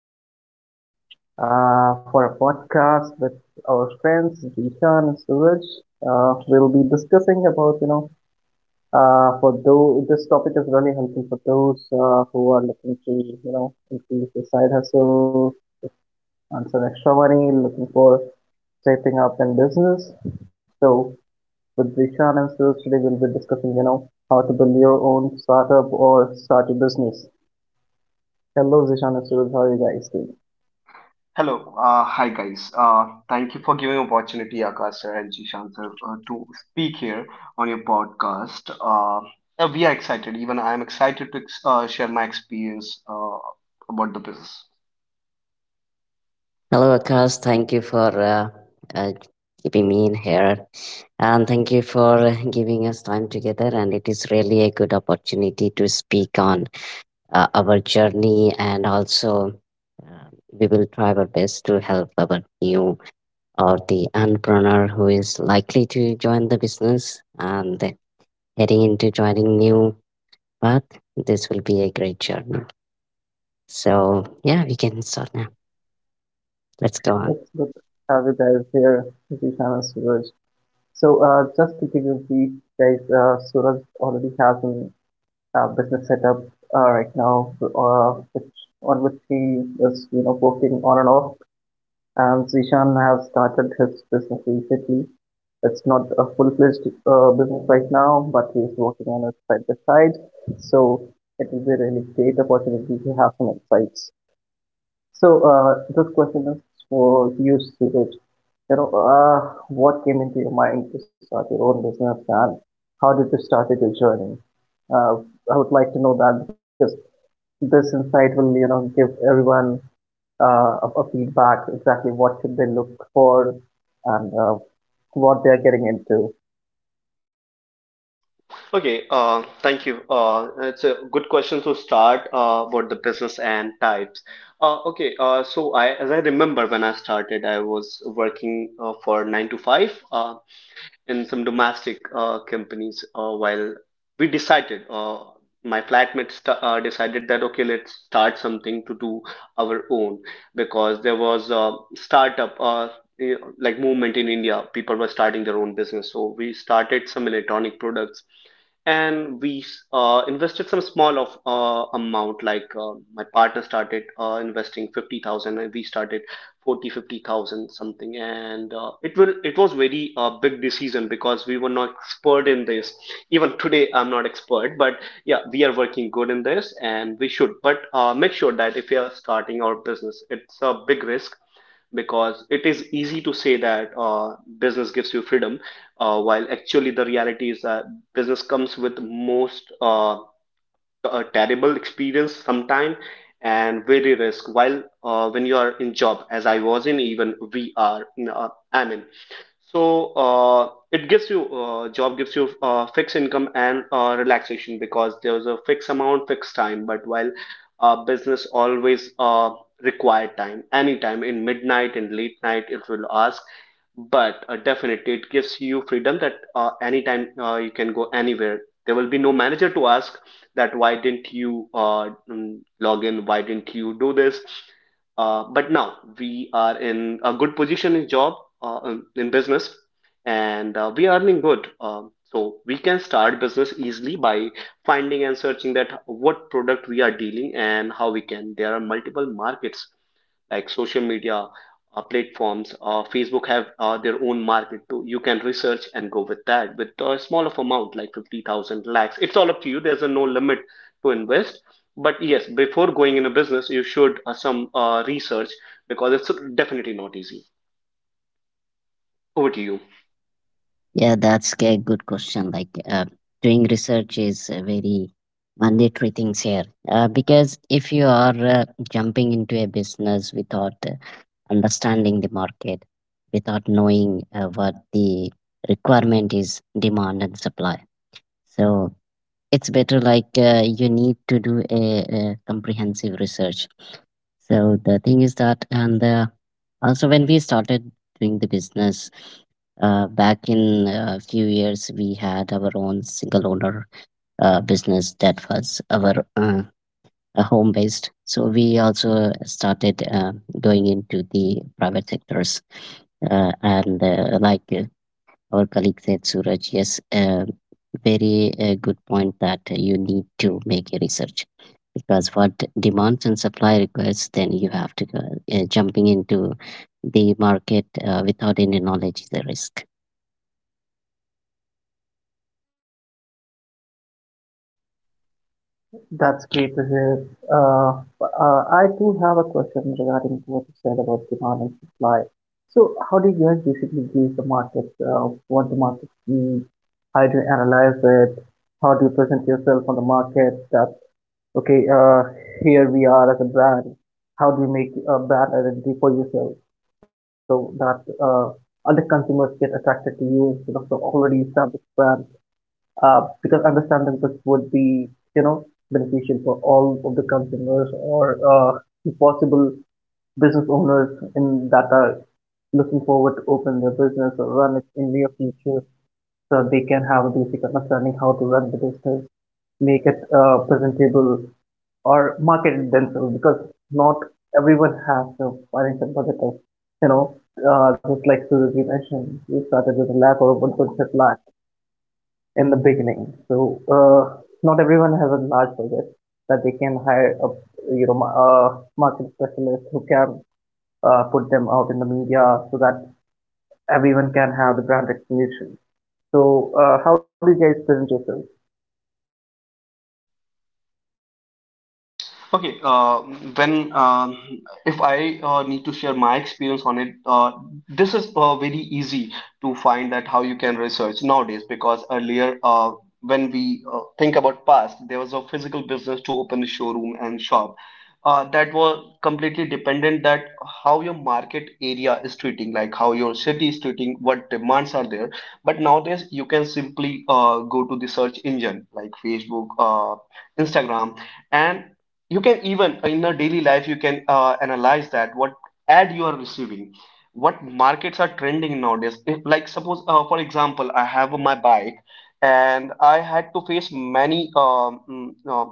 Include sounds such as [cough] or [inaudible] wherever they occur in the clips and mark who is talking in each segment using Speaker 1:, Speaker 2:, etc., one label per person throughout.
Speaker 1: to for a podcast with our friends Jishan and Suraj. We'll be discussing about for those, this topic is really helpful for those who are looking to increase their side hustle, earn some extra money, looking for stepping up in business. So with Jishan and Suraj today we'll be discussing how to build your own startup or start a business. Hello, Zishan and Suraj. How are you guys doing?
Speaker 2: Hello, hi guys. Thank you for giving opportunity, Akash sir and Jishan sir, to speak here on your podcast. We are excited. Even I am excited to share my experience about the business.
Speaker 3: Hello, Akash. Thank you for uh, keeping me in here. And thank you for giving us time together. And it is really a good opportunity to speak on our journey. And also, uh, we will try our best to help our new or the entrepreneur who is likely to join the business and heading into joining new path. This will be a great journey. So, yeah, we can start now. Let's go on.
Speaker 1: It's good to have you guys here, Zishan and Suraj. So, just to give you a brief, guys, Suraj already has a business setup right now, on which he is, you know, working on and off. And Zishan has started his business recently. It's not a full-fledged business right now, but he is working on it side by side. So, it will be a really great opportunity to have some insights. So, this question is for you, Suraj. You know, what came into your mind to start your own business, and how did you start your journey? Uh, I would like to know that because this insight will, you know, give everyone a feedback exactly what should they look for, and what they are getting into.
Speaker 2: Okay, thank you. It's a good question to start about the business and types. Okay, so as I remember when I started, I was working for nine to five. In some domestic companies while we decided my flatmate decided that, okay, let's start something to do our own, because there was a startup like movement in India. People were starting their own business, so we started some electronic products. And we invested some small of amount. Like, my partner started investing 50,000, and we started 40, 50,000 something. And it was very big decision because we were not expert in this. Even today I'm not expert, but yeah, we are working good in this. And we should, but make sure that if you are starting our business, it's a big risk. Because it is easy to say that business gives you freedom, while actually the reality is that business comes with most a terrible experience sometime, and very risk. While when you are in job, as I was in, even we are in, I'm in. So it gives you, job gives you fixed income and relaxation, because there's a fixed amount, fixed time. But while business always require time. Anytime, in midnight, in late night, it will ask. But definitely it gives you freedom, that anytime you can go anywhere. There will be no manager to ask that why didn't you log in, why didn't you do this. But now we are in a good position in job, in business, and we are earning good. So we can start business easily by finding and searching that what product we are dealing and how we can. There are multiple markets like social media platforms. Facebook have their own market too. You can research and go with that with a small of amount, like 50,000 lakhs. It's all up to you. There's a no limit to invest. But yes, before going in a business, you should some research, because it's definitely not easy. Over to you.
Speaker 3: Yeah, that's a good question. Like doing research is a very mandatory things here because if you are jumping into a business without understanding the market, without knowing what the requirement is, demand and supply. So it's better like you need to do a comprehensive research. So the thing is that, and also when we started doing the business back in a few years, we had our own single owner business that was our home based. So we also started going into the private sectors and like our colleague said, Suraj, yes, very good point that you need to make a research, because what demands and supply requires, then you have to go jumping into the market. Without any knowledge is a risk.
Speaker 1: That's great to hear. I do have a question regarding what you said about demand and supply. So, how do you guys basically gauge the market? What the market needs? How do you analyze it? How do you present yourself on the market? That, okay, here we are as a brand. How do you make a brand identity for yourself so that other consumers get attracted to you because of the already established brand? Because understanding this would be, you know, beneficial for all of the consumers or possible business owners in that are looking forward to open their business or run it in near future, so they can have a basic understanding how to run the business, make it presentable or market it themselves, because not everyone has the financial budget of, you know, just like Suraj mentioned, we started with a lakh or a 1.5 lakh in the beginning. So not everyone has a large budget that they can hire a, you know, a market specialist who can put them out in the media so that everyone can have the brand recognition. So how do you guys present yourself?
Speaker 2: Okay, when if I need to share my experience on it, this is very easy to find that how you can research nowadays, because earlier when we think about past, there was a physical business to open a showroom and shop. That was completely dependent that how your market area is treating, like how your city is treating, what demands are there. But nowadays, you can simply go to the search engine like Facebook, Instagram, and you can even in a daily life you can analyze that what ad you are receiving, what markets are trending nowadays. If, like, suppose for example, I have my bike and I had to face many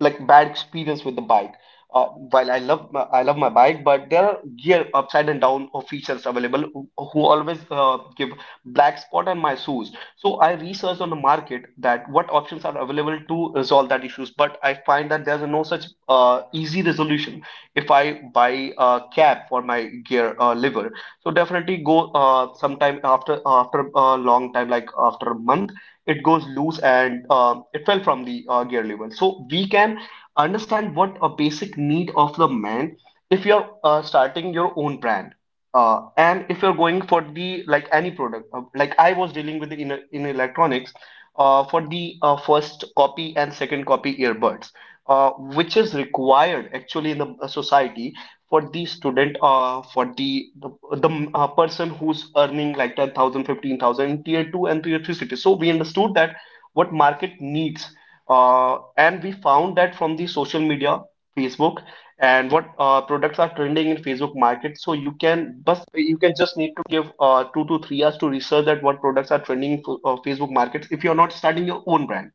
Speaker 2: like bad experience with the bike. While I love my bike, but there are gear upside and down of features available who always give black spot on my shoes. So I researched on the market that what options are available to resolve that issues, but I find that there's no such easy resolution. If I buy a cap for my gear lever, so definitely go sometime after a long time, like after a month it goes loose, and it fell from the gear level. So we can understand what a basic need of the man, if you're starting your own brand, and if you're going for the like any product, like I was dealing with in electronics, for the first copy and second copy earbuds, which is required actually in the society for the student, for the person who's earning like 10,000, 15,000 in tier two and tier three cities. So we understood that what market needs, and we found that from the social media Facebook, and what products are trending in Facebook market. So you can, but you can just need to give 2 to 3 hours to research that what products are trending in Facebook markets if you're not starting your own brand.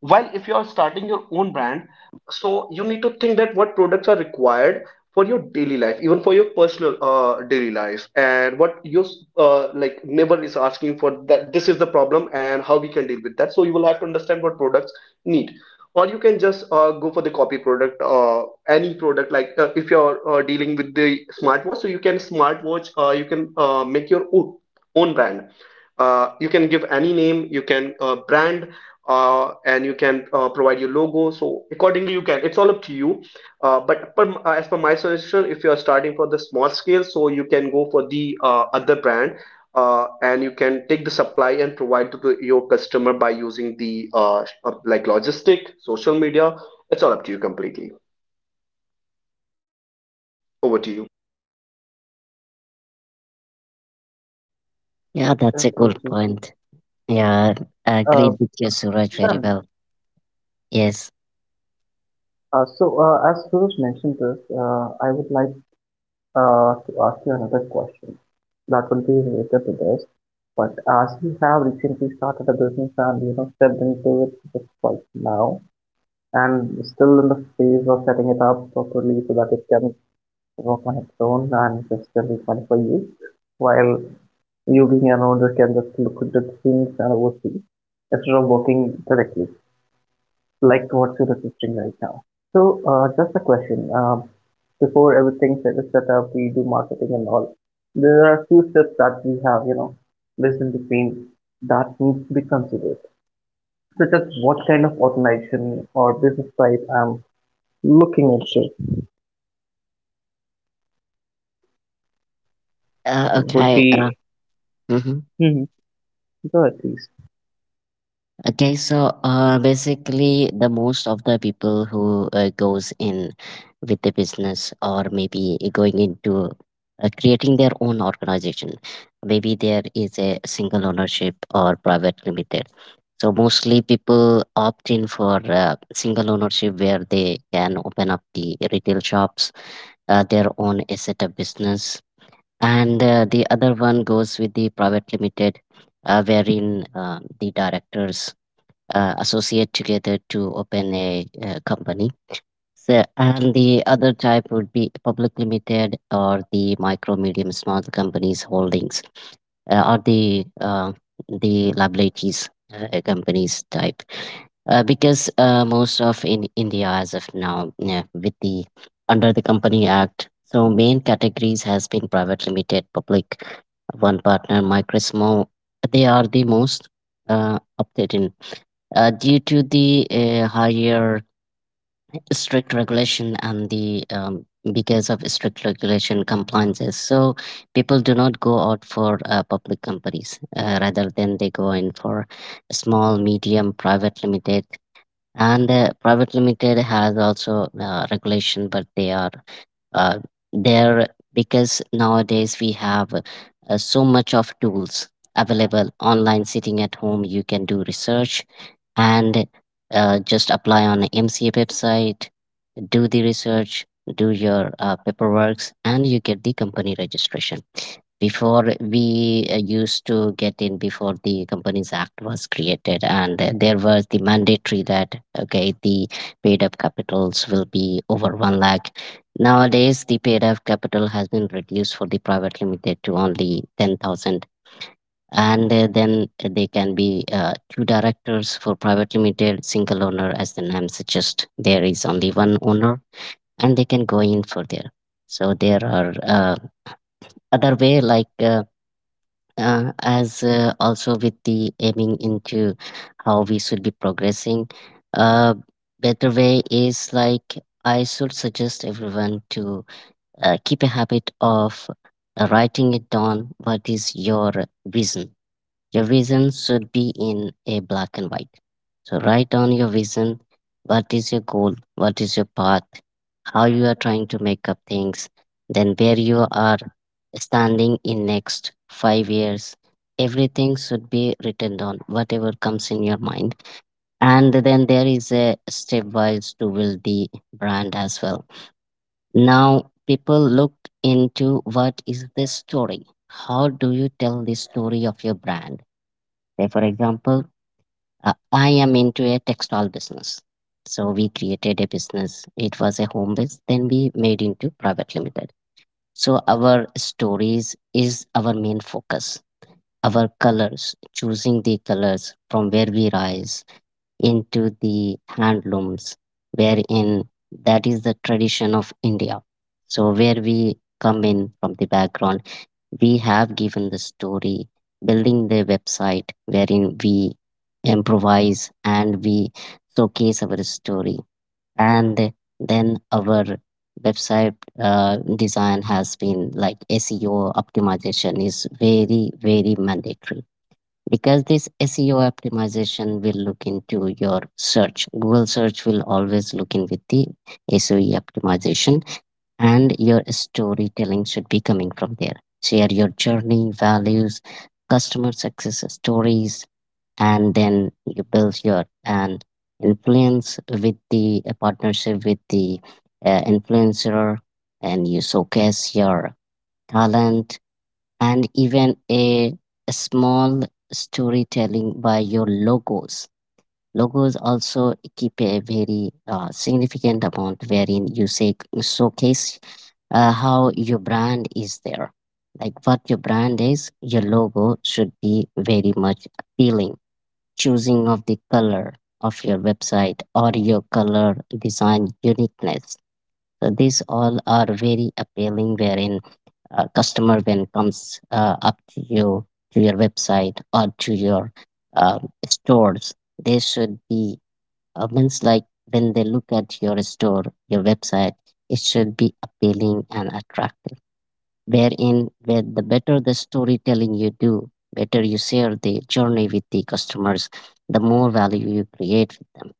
Speaker 2: While, if you are starting your own brand, so you need to think that what products are required for your daily life, even for your personal daily life, and what your like neighbor is asking for, that this is the problem and how we can deal with that. So you will have to understand what products need. Or you can just go for the copy product, any product, like if you're dealing with the smartwatch, so you can smartwatch, you can make your own brand. You can give any name, you can brand, and you can provide your logo. So accordingly you can, it's all up to you. But as per my suggestion, if you are starting for the small scale, so you can go for the other brand, and you can take the supply and provide to your customer by using the like logistic social media. It's all up to you completely. Over to you.
Speaker 3: Yeah, that's a
Speaker 1: Okay,
Speaker 3: good
Speaker 1: Ji.
Speaker 3: point. Yeah, I
Speaker 1: Uh,
Speaker 3: agreed with you, Suraj, very
Speaker 1: Shan,
Speaker 3: well. Yes.
Speaker 1: so as Suraj mentioned this, I would like to ask you another question that will be related to this. But as you have recently started a business and, you know, stepped into it just right now, and still in the phase of setting it up properly so that it can work on its own and it's really fun for you. While you being an owner can just look at the things and oversee instead of working directly, like what you're assisting right now. So, just a question. Before everything is set up, we do marketing and all. There are a few steps that we have, you know, missed in between that needs to be considered, such as what kind of organization or business type I'm looking into. Would
Speaker 3: Okay.
Speaker 1: be
Speaker 3: Mhm.
Speaker 1: hmm. Go ahead, please.
Speaker 3: Okay, so basically, the most of the people who goes in with the business or maybe going into creating their own organization, maybe there is a single ownership or private limited. So mostly people opt in for single ownership where they can open up the retail shops, their own asset of business, and the other one goes with the private limited, wherein the directors associate together to open a company. So, and the other type would be public limited or the micro medium small companies holdings, or the liabilities companies type, because most of in India as of now, yeah, with the under the Company Act, so main categories has been private limited, public, one partner, micro small. They are the most updated due to the higher strict regulation and the because of strict regulation compliances, so people do not go out for public companies, rather than they go in for small medium private limited. And private limited has also regulation, but they are uh, there because nowadays we have so much of tools available online, sitting at home you can do research, and just apply on MCA website, do the research, do your paperwork, and you get the company registration. Before, we used to get in before the Companies Act was created, and there was the mandatory that okay the paid up capitals will be over 1 lakh. Nowadays, the paid up capital has been reduced for the private limited to only 10,000. And then they can be two directors for private limited. Single owner, as the name suggests, there is only one owner and they can go in for there. So there are other way, like as also with the aiming into how we should be progressing, uh, better way is like I should suggest everyone to keep a habit of writing it down what is your vision. Your vision should be in a black and white. So write down your vision. What is your goal? What is your path? How you are trying to make up things? Then where you are standing in next 5 years. Everything should be written down, whatever comes in your mind. And then there is a stepwise to build the brand as well. Now people look into what is the story. How do you tell the story of your brand? Say, for example, I am into a textile business. So we created a business. It was a home base. Then we made into private limited. So our stories is our main focus. Our colors, choosing the colors from where we rise into the handlooms, wherein that is the tradition of India. So where we come in from the background, we have given the story, building the website wherein we improvise and we showcase our story. And then our website design has been like SEO optimization is very, very mandatory, because this SEO optimization will look into your search. Google search will always look in with the SEO optimization, and your storytelling should be coming from there. Share your journey, values, customer success stories, and then you build your an influence with the a partnership with the influencer, and you showcase your talent, and even a small storytelling by your logos. Logos also keep a very significant amount wherein you say showcase how your brand is there. Like what your brand is, your logo should be very much appealing. Choosing of the color of your website or your color design uniqueness. So these all are very appealing wherein a customer when comes up to you, to your website or to your uh, stores, they should be means like when they look at your store, your website, it should be appealing and attractive. Wherein, where the better the storytelling you do, better you share the journey with the customers, the more value you create with them.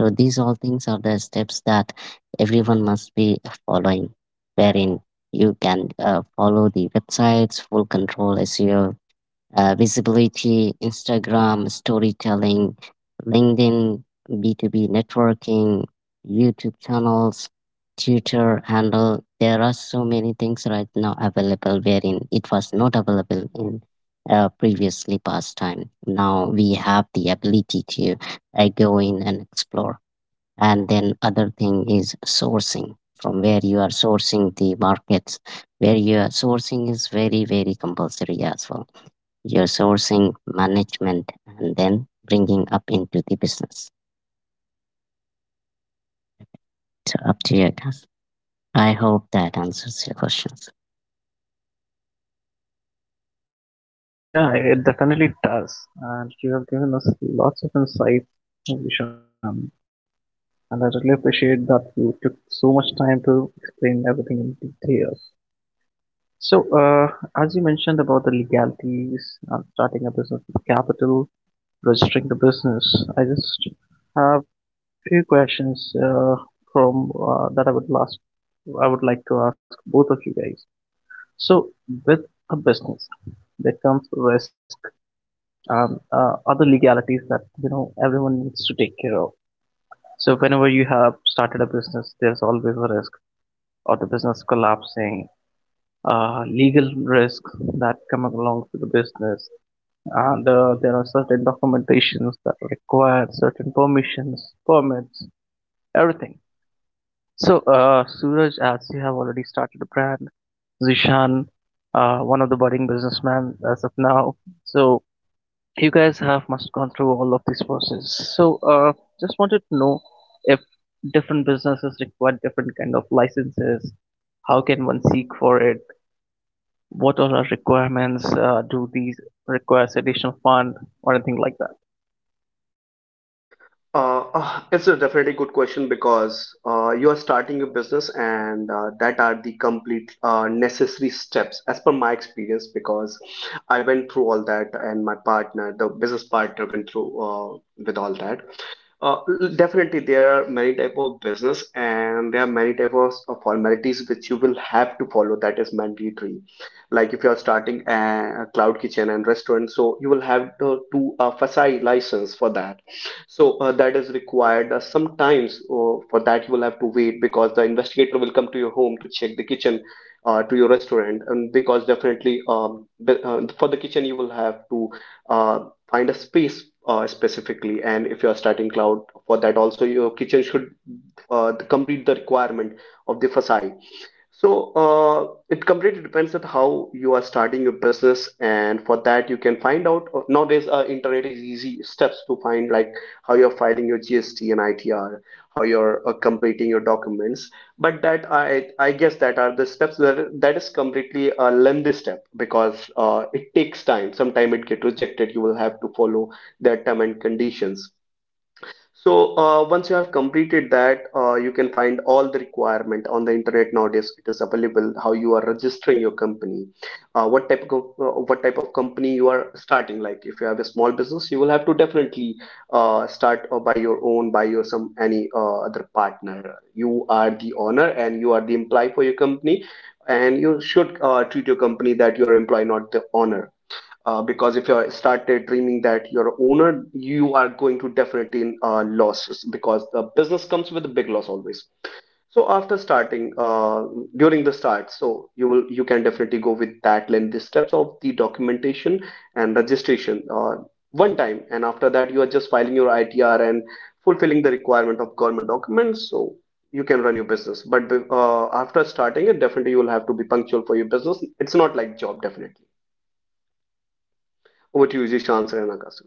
Speaker 3: So these all things are the steps that everyone must be following. Wherein you can follow the websites, full control SEO, visibility, Instagram, storytelling, LinkedIn, B2B networking, YouTube channels, Twitter handle. There are so many things right now available, wherein it was not available in previously past time. Now we have the ability to go in and explore. And then other thing is sourcing, from where you are sourcing the markets, where you are sourcing is very, very compulsory as well. Your sourcing management and then bringing up into the business. So up to you guys, I hope that answers your questions.
Speaker 1: Yeah, it definitely does, and you have given us lots of insights, Vishan, and I really appreciate that you took so much time to explain everything in detail. So uh, as you mentioned about the legalities, starting a business with capital, registering the business, I just have few questions from that I would like to ask both of you guys. So with a business, there comes risk and other legalities that, you know, everyone needs to take care of. So whenever you have started a business, there's always a risk of the business collapsing, legal risks that come along with the business, and there are certain documentations that require certain permissions, permits, everything. So, Suraj, as you have already started a brand, Zishan, one of the budding businessmen as of now. So, you guys have must gone through all of this process. So, just wanted to know if different businesses require different kind of licenses. How can one seek for it? What all are requirements? Do these requires additional fund or anything like that?
Speaker 2: It's a definitely good question, because you are starting a business, and that are the complete necessary steps as per my experience, because I went through all that, and my partner, the business partner, went through with all that. Uh, Definitely, there are many type of business, and there are many type of formalities which you will have to follow. That is mandatory. Like, if you are starting a cloud kitchen and restaurant, so you will have to do a FSSAI license for that. So that is required. Sometimes for that you will have to wait, because the investigator will come to your home to check the kitchen, to your restaurant. And because definitely for the kitchen you will have to uh, find a space specifically, and if you are starting cloud, for that also your kitchen should complete the requirement of the facade. So it completely depends on how you are starting your business, and for that you can find out nowadays. Internet is easy steps to find, like how you're filing your GST and ITR, how you're completing your documents. But that, I guess that are the steps, that is completely a lengthy step, because it takes time. Sometime it get rejected. You will have to follow their term and conditions. So once you have completed that, you can find all the requirement on the internet nowadays. It is available how you are registering your company, what type of company you are starting. Like, if you have a small business, you will have to definitely start by your own, by your some any other partner. You are the owner and you are the employee for your company, and you should treat your company that you are employee, not the owner, because if you started dreaming that you're a owner, you are going to definitely in losses, because the business comes with a big loss always. So after starting, during the start, so you can definitely go with that length, the steps of the documentation and registration one time, and after that you are just filing your ITR and fulfilling the requirement of government documents. So you can run your business, but after starting it, definitely you will have to be punctual for your business. It's not like job definitely. Over to you, Jishan and Akash.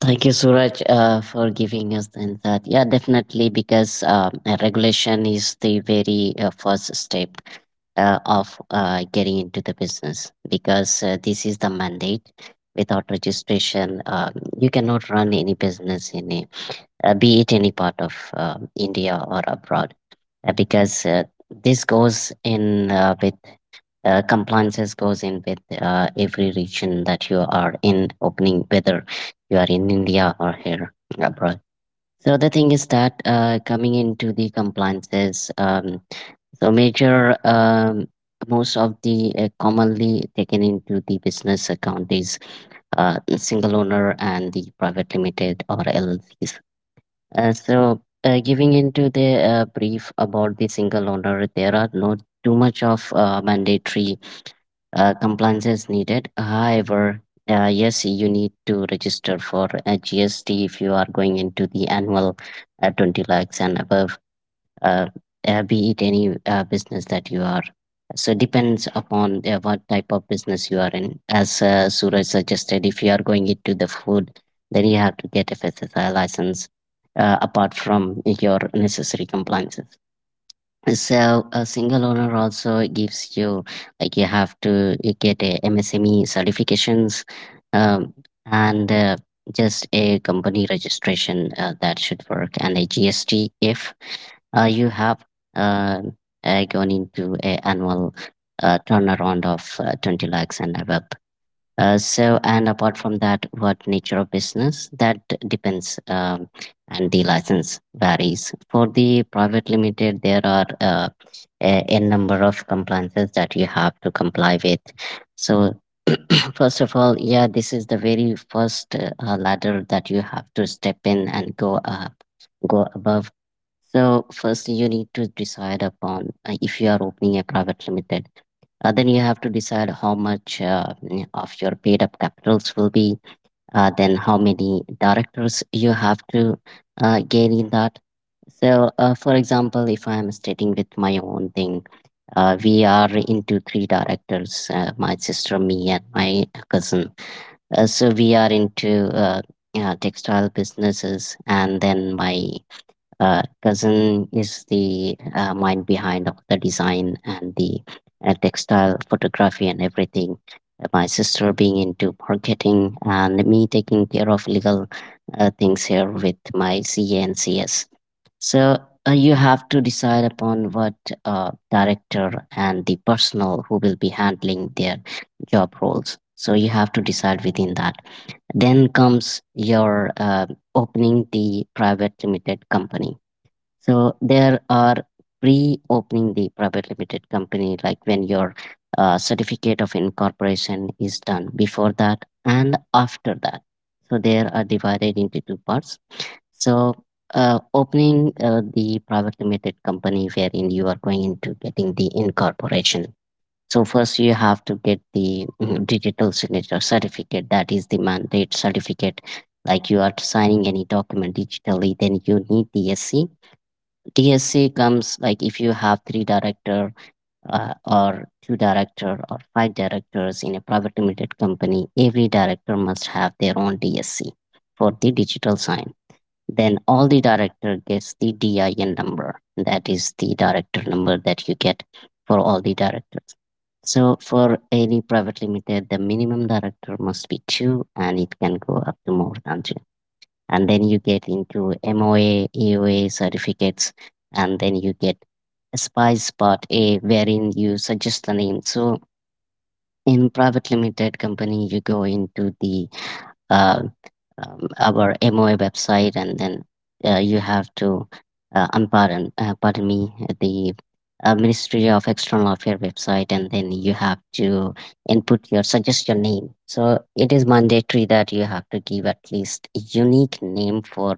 Speaker 3: Thank you, Suraj, for giving us the insight. Yeah, definitely, because regulation is the very first step of getting into the business, because this is the mandate. Without registration, you cannot run any business in a be it any part of India or abroad, because this goes in with compliances, goes in with every region that you are in opening, whether you are in India or here abroad. So the thing is that coming into the compliances, so major, most of the commonly taken into the business account is single owner and the private limited or LLCs. So, giving into the brief about the single owner, there are not too much of mandatory compliances needed. However, yes, you need to register for a GST if you are going into the annual 20 lakhs and above, uh, be it any business that you are. So depends upon what type of business you are in. As Suraj suggested, if you are going into the food, then you have to get a FSSI license, apart from your necessary compliances. So a single owner also gives you, like you have to you get a MSME certifications, um, and just a company registration that should work, and a GST if you have uh, gone into a annual turnaround of 20 lakhs and above. So, and apart from that, what nature of business that depends, and the license varies. For the private limited, there are a number of compliances that you have to comply with. So, [clears throat] first of all, yeah, this is the very first ladder that you have to step in and go up, go above. So, first you need to decide upon if you are opening a private limited, then you have to decide how much of your paid up capitals will be, then how many directors you have to gain in that. So, for example, if I'm stating with my own thing, we are into three directors, my sister, me, and my cousin. So, we are into textile businesses, and then my cousin is the mind behind of the design and the textile photography and everything. My sister being into marketing and me taking care of legal things here with my CA and CS. So you have to decide upon what director and the personnel who will be handling their job roles. So you have to decide within that. Then comes your opening the private limited company, so there are pre-opening the private limited company, like when your certificate of incorporation is done before that and after that. So there are divided into two parts. So opening the private limited company wherein you are going into getting the incorporation. So first you have to get the digital signature certificate. That is the mandate certificate. Like you are signing any document digitally, then you need the SC DSC comes, like if you have three director or two director or five directors in a private limited company, every director must have their own DSC for the digital sign. Then all the director gets the DIN number. That is the director number that you get for all the directors. So for any private limited, the minimum director must be two, and it can go up to more than two, and then you get into MOA, EOA certificates, and then you get Spice Part A, wherein you suggest the name. So in private limited company, you go into the uh, our MOA website, and then you have to pardon me, the Ministry of External Affairs website, and then you have to input your suggest your name. So it is mandatory that you have to give at least a unique name for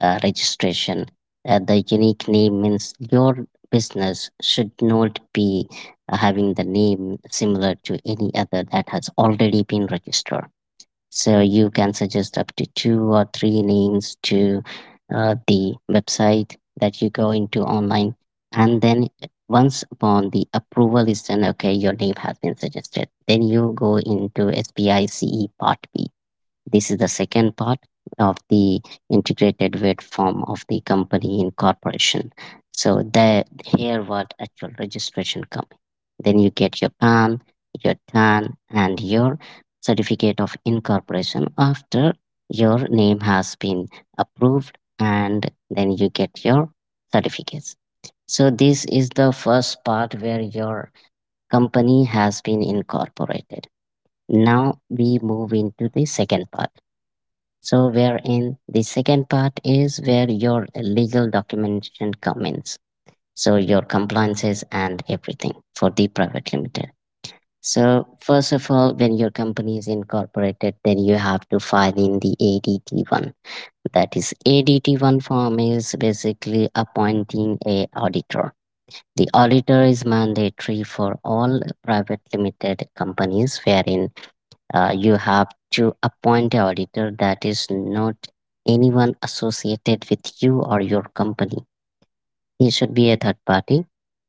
Speaker 3: registration. The unique name means your business should not be having the name similar to any other that has already been registered. So you can suggest up to two or three names to the website that you go into online, and then once upon the approval is done, okay, your name has been suggested. Then you go into SPICE Part B. This is the second part of the integrated weight form of the company in corporation. So there, here what actual registration coming. Then you get your PAN, your TAN, and your certificate of incorporation after your name has been approved, and then you get your certificates. So this is the first part where your company has been incorporated. Now we move into the second part. So wherein the second part is where your legal documentation comes. So your compliances and everything for the private limited. So first of all, when your company is incorporated, then you have to file in the ADT1. That is, ADT1 form is basically appointing a auditor. The auditor is mandatory for all private limited companies, wherein you have to appoint an auditor that is not anyone associated with you or your company. He should be a third party,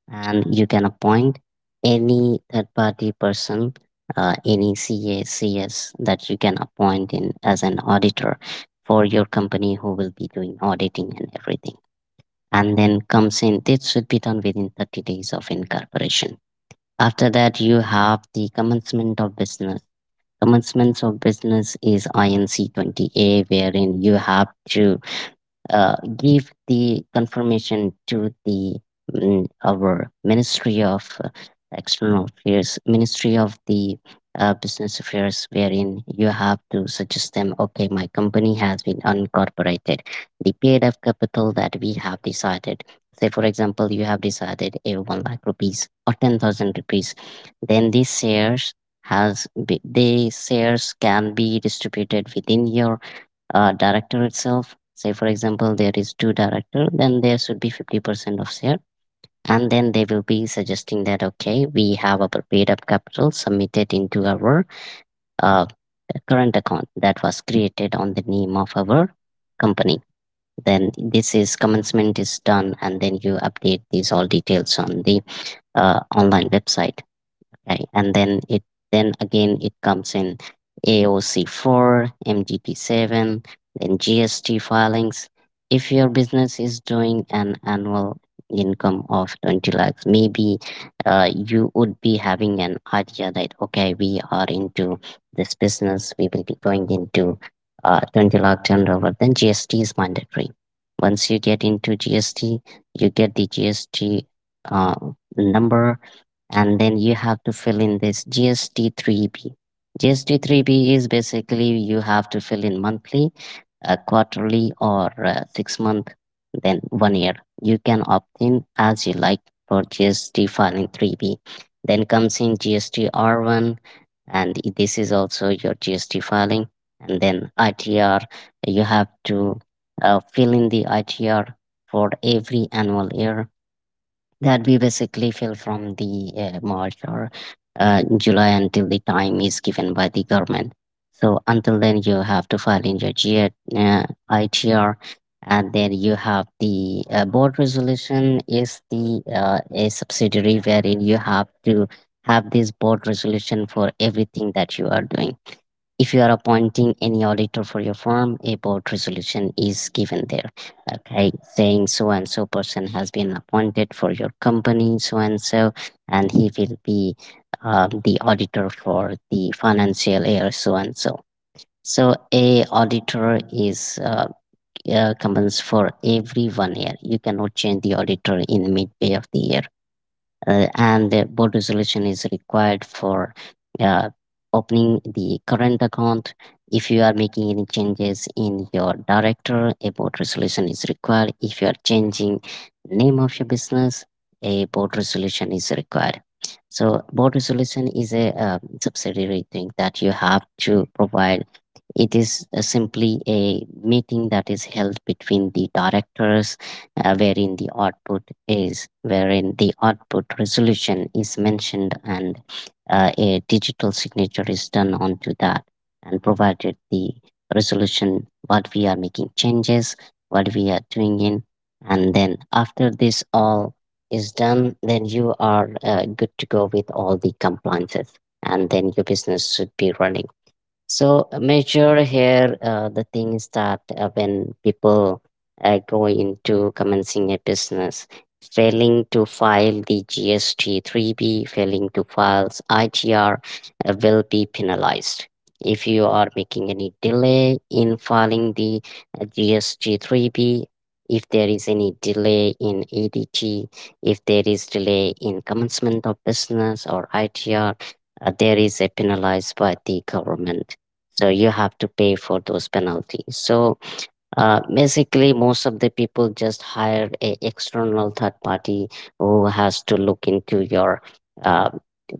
Speaker 3: and you can appoint any third party person, any CACs that you can appoint in as an auditor for your company who will be doing auditing and everything. And then comes in, this should be done within 30 days of incorporation. After that, you have the commencement of business. Commencements of business is INC 20A, wherein you have to give the confirmation to the our Ministry of External Affairs, Ministry of the Business Affairs, wherein you have to suggest them, okay, my company has been unincorporated. The paid up capital that we have decided, say for example, you have decided a one lakh rupees or 10,000 rupees, then these shares the shares can be distributed within your director itself. Say for example, there is two director, then there should be 50% of share, and then they will be suggesting that okay, we have our paid up capital submitted into our uh, current account that was created on the name of our company. Then this is commencement is done, and then you update these all details on the online website. Okay, and then it, then again it comes in AOC4, MGT7, then GST filings. If your business is doing an annual income of 20 lakhs, maybe you would be having an idea that okay, we are into this business, we will be going into 20 lakh turnover. Then GST is mandatory. Once you get into GST, you get the GST uh, number, and then you have to fill in this GST3B. GST3B is basically you have to fill in monthly, quarterly, or 6 month, then one year. You can opt in as you like for GST filing 3B. Then comes in GST R1, and this is also your GST filing. And then ITR, you have to fill in the ITR for every annual year that we basically fill from the March or July until the time is given by the government. So until then, you have to file in your GR, uh, ITR, and then you have the board resolution is the a subsidiary, wherein you have to have this board resolution for everything that you are doing. If you are appointing any auditor for your firm, a board resolution is given there. Okay, saying so and so person has been appointed for your company, so and so, and he will be the auditor for the financial year, so and so. So a auditor is comes for every one year. You cannot change the auditor in midway of the year, and the board resolution is required for uh, opening the current account. If you are making any changes in your director, a board resolution is required. If you are changing name of your business, a board resolution is required. So board resolution is a subsidiary thing that you have to provide. It is simply a meeting that is held between the directors, wherein the wherein the output resolution is mentioned, and a digital signature is done onto that. And provided the resolution, what we are making changes, what we are doing in, and then after this all is done, then you are good to go with all the compliances, and then your business should be running. So major here, the thing is that when people go into commencing a business, failing to file the GST 3B, failing to file ITR will be penalized. If you are making any delay in filing the GST 3B, if there is any delay in ADT, if there is delay in commencement of business or ITR, there is a penalized by the government, so you have to pay for those penalties. So basically most of the people just hire a external third party who has to look into your uh,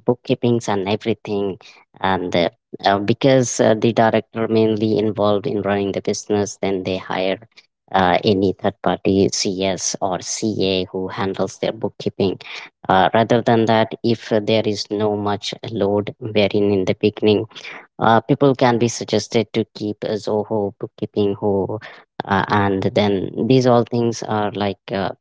Speaker 3: bookkeepings and everything, and because the director mainly involved in running the business, then they hire any third party cs or ca who handles their bookkeeping. Uh, rather than that, if there is no much load, wherein in the beginning, people can be suggested to keep a Zoho, bookkeeping Ho, and then these all things are like uh,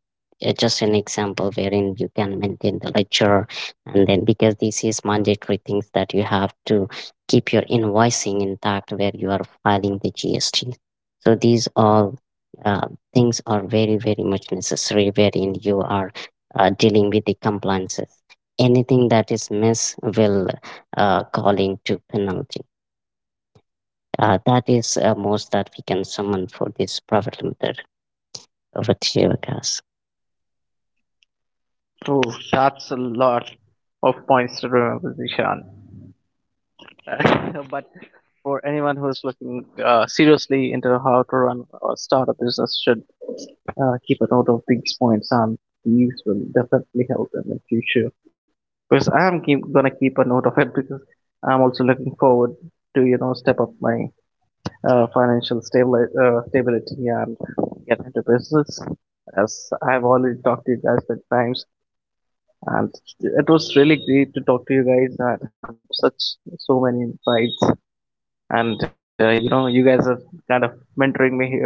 Speaker 3: uh, just an example wherein you can maintain the ledger, and then because this is mandatory things that you have to keep your invoicing intact where you are filing the GST. So these all things are very very much necessary, wherein you are dealing with the compliances. Anything that is miss will call into penalty. That is most that we can summon for this private limited. Over to you, Gus.
Speaker 1: Oh, that's a lot of points to remember, Zishan. [laughs] But for anyone who's looking seriously into how to run or start a business should keep a note of these points, and these will definitely help them in future, because I am gonna keep a note of it, because I'm also looking forward to, you know, step up my uh, financial stability and get into business, as I've already talked to you guys many times. And it was really great to talk to you guys and have such so many insights, and you know, you guys are kind of mentoring me here,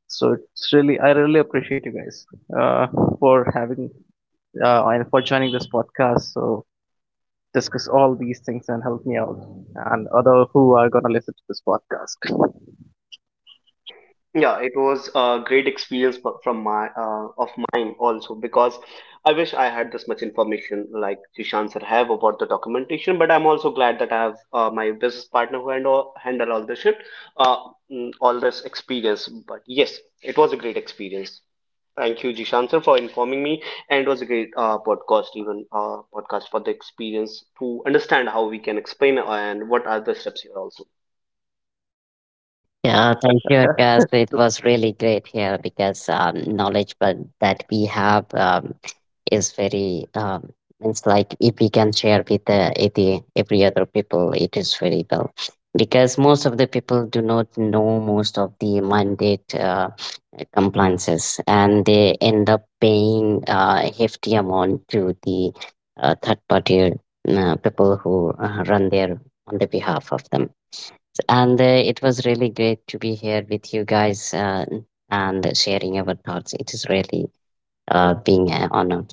Speaker 1: so it's really, I really appreciate you guys uh, for having and for joining this podcast, so discuss all these things and help me out, and other who are gonna listen to this podcast.
Speaker 2: Yeah, it was a great experience from my of mine also, because I wish I had this much information like Jishan sir have about the documentation. But I'm also glad that I have my business partner who handle all the shit, uh, all this experience. But yes, it was a great experience. Thank you, Jishan sir, for informing me, and it was a great podcast, even podcast for the experience to understand how we can explain and what are the steps here also.
Speaker 3: Yeah, thank you, Akash. It was really great here because knowledge but that we have is very it's like if we can share with the every other people, it is very well because most of the people do not know most of the mandate compliances, and they end up paying hefty amount to the third party people who run their on the behalf of them. And it was really great to be here with you guys, and sharing our thoughts. It is really being an honor.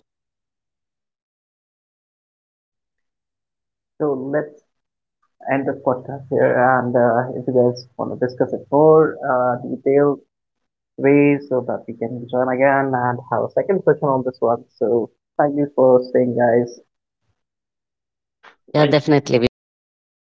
Speaker 1: So let's end this podcast here, and if you guys want to discuss it more detailed ways, so that we can join again and have a second session on this one. So thank you for staying, guys.
Speaker 3: Yeah,
Speaker 2: Thank you so
Speaker 3: definitely. We
Speaker 2: much.
Speaker 3: will look forward.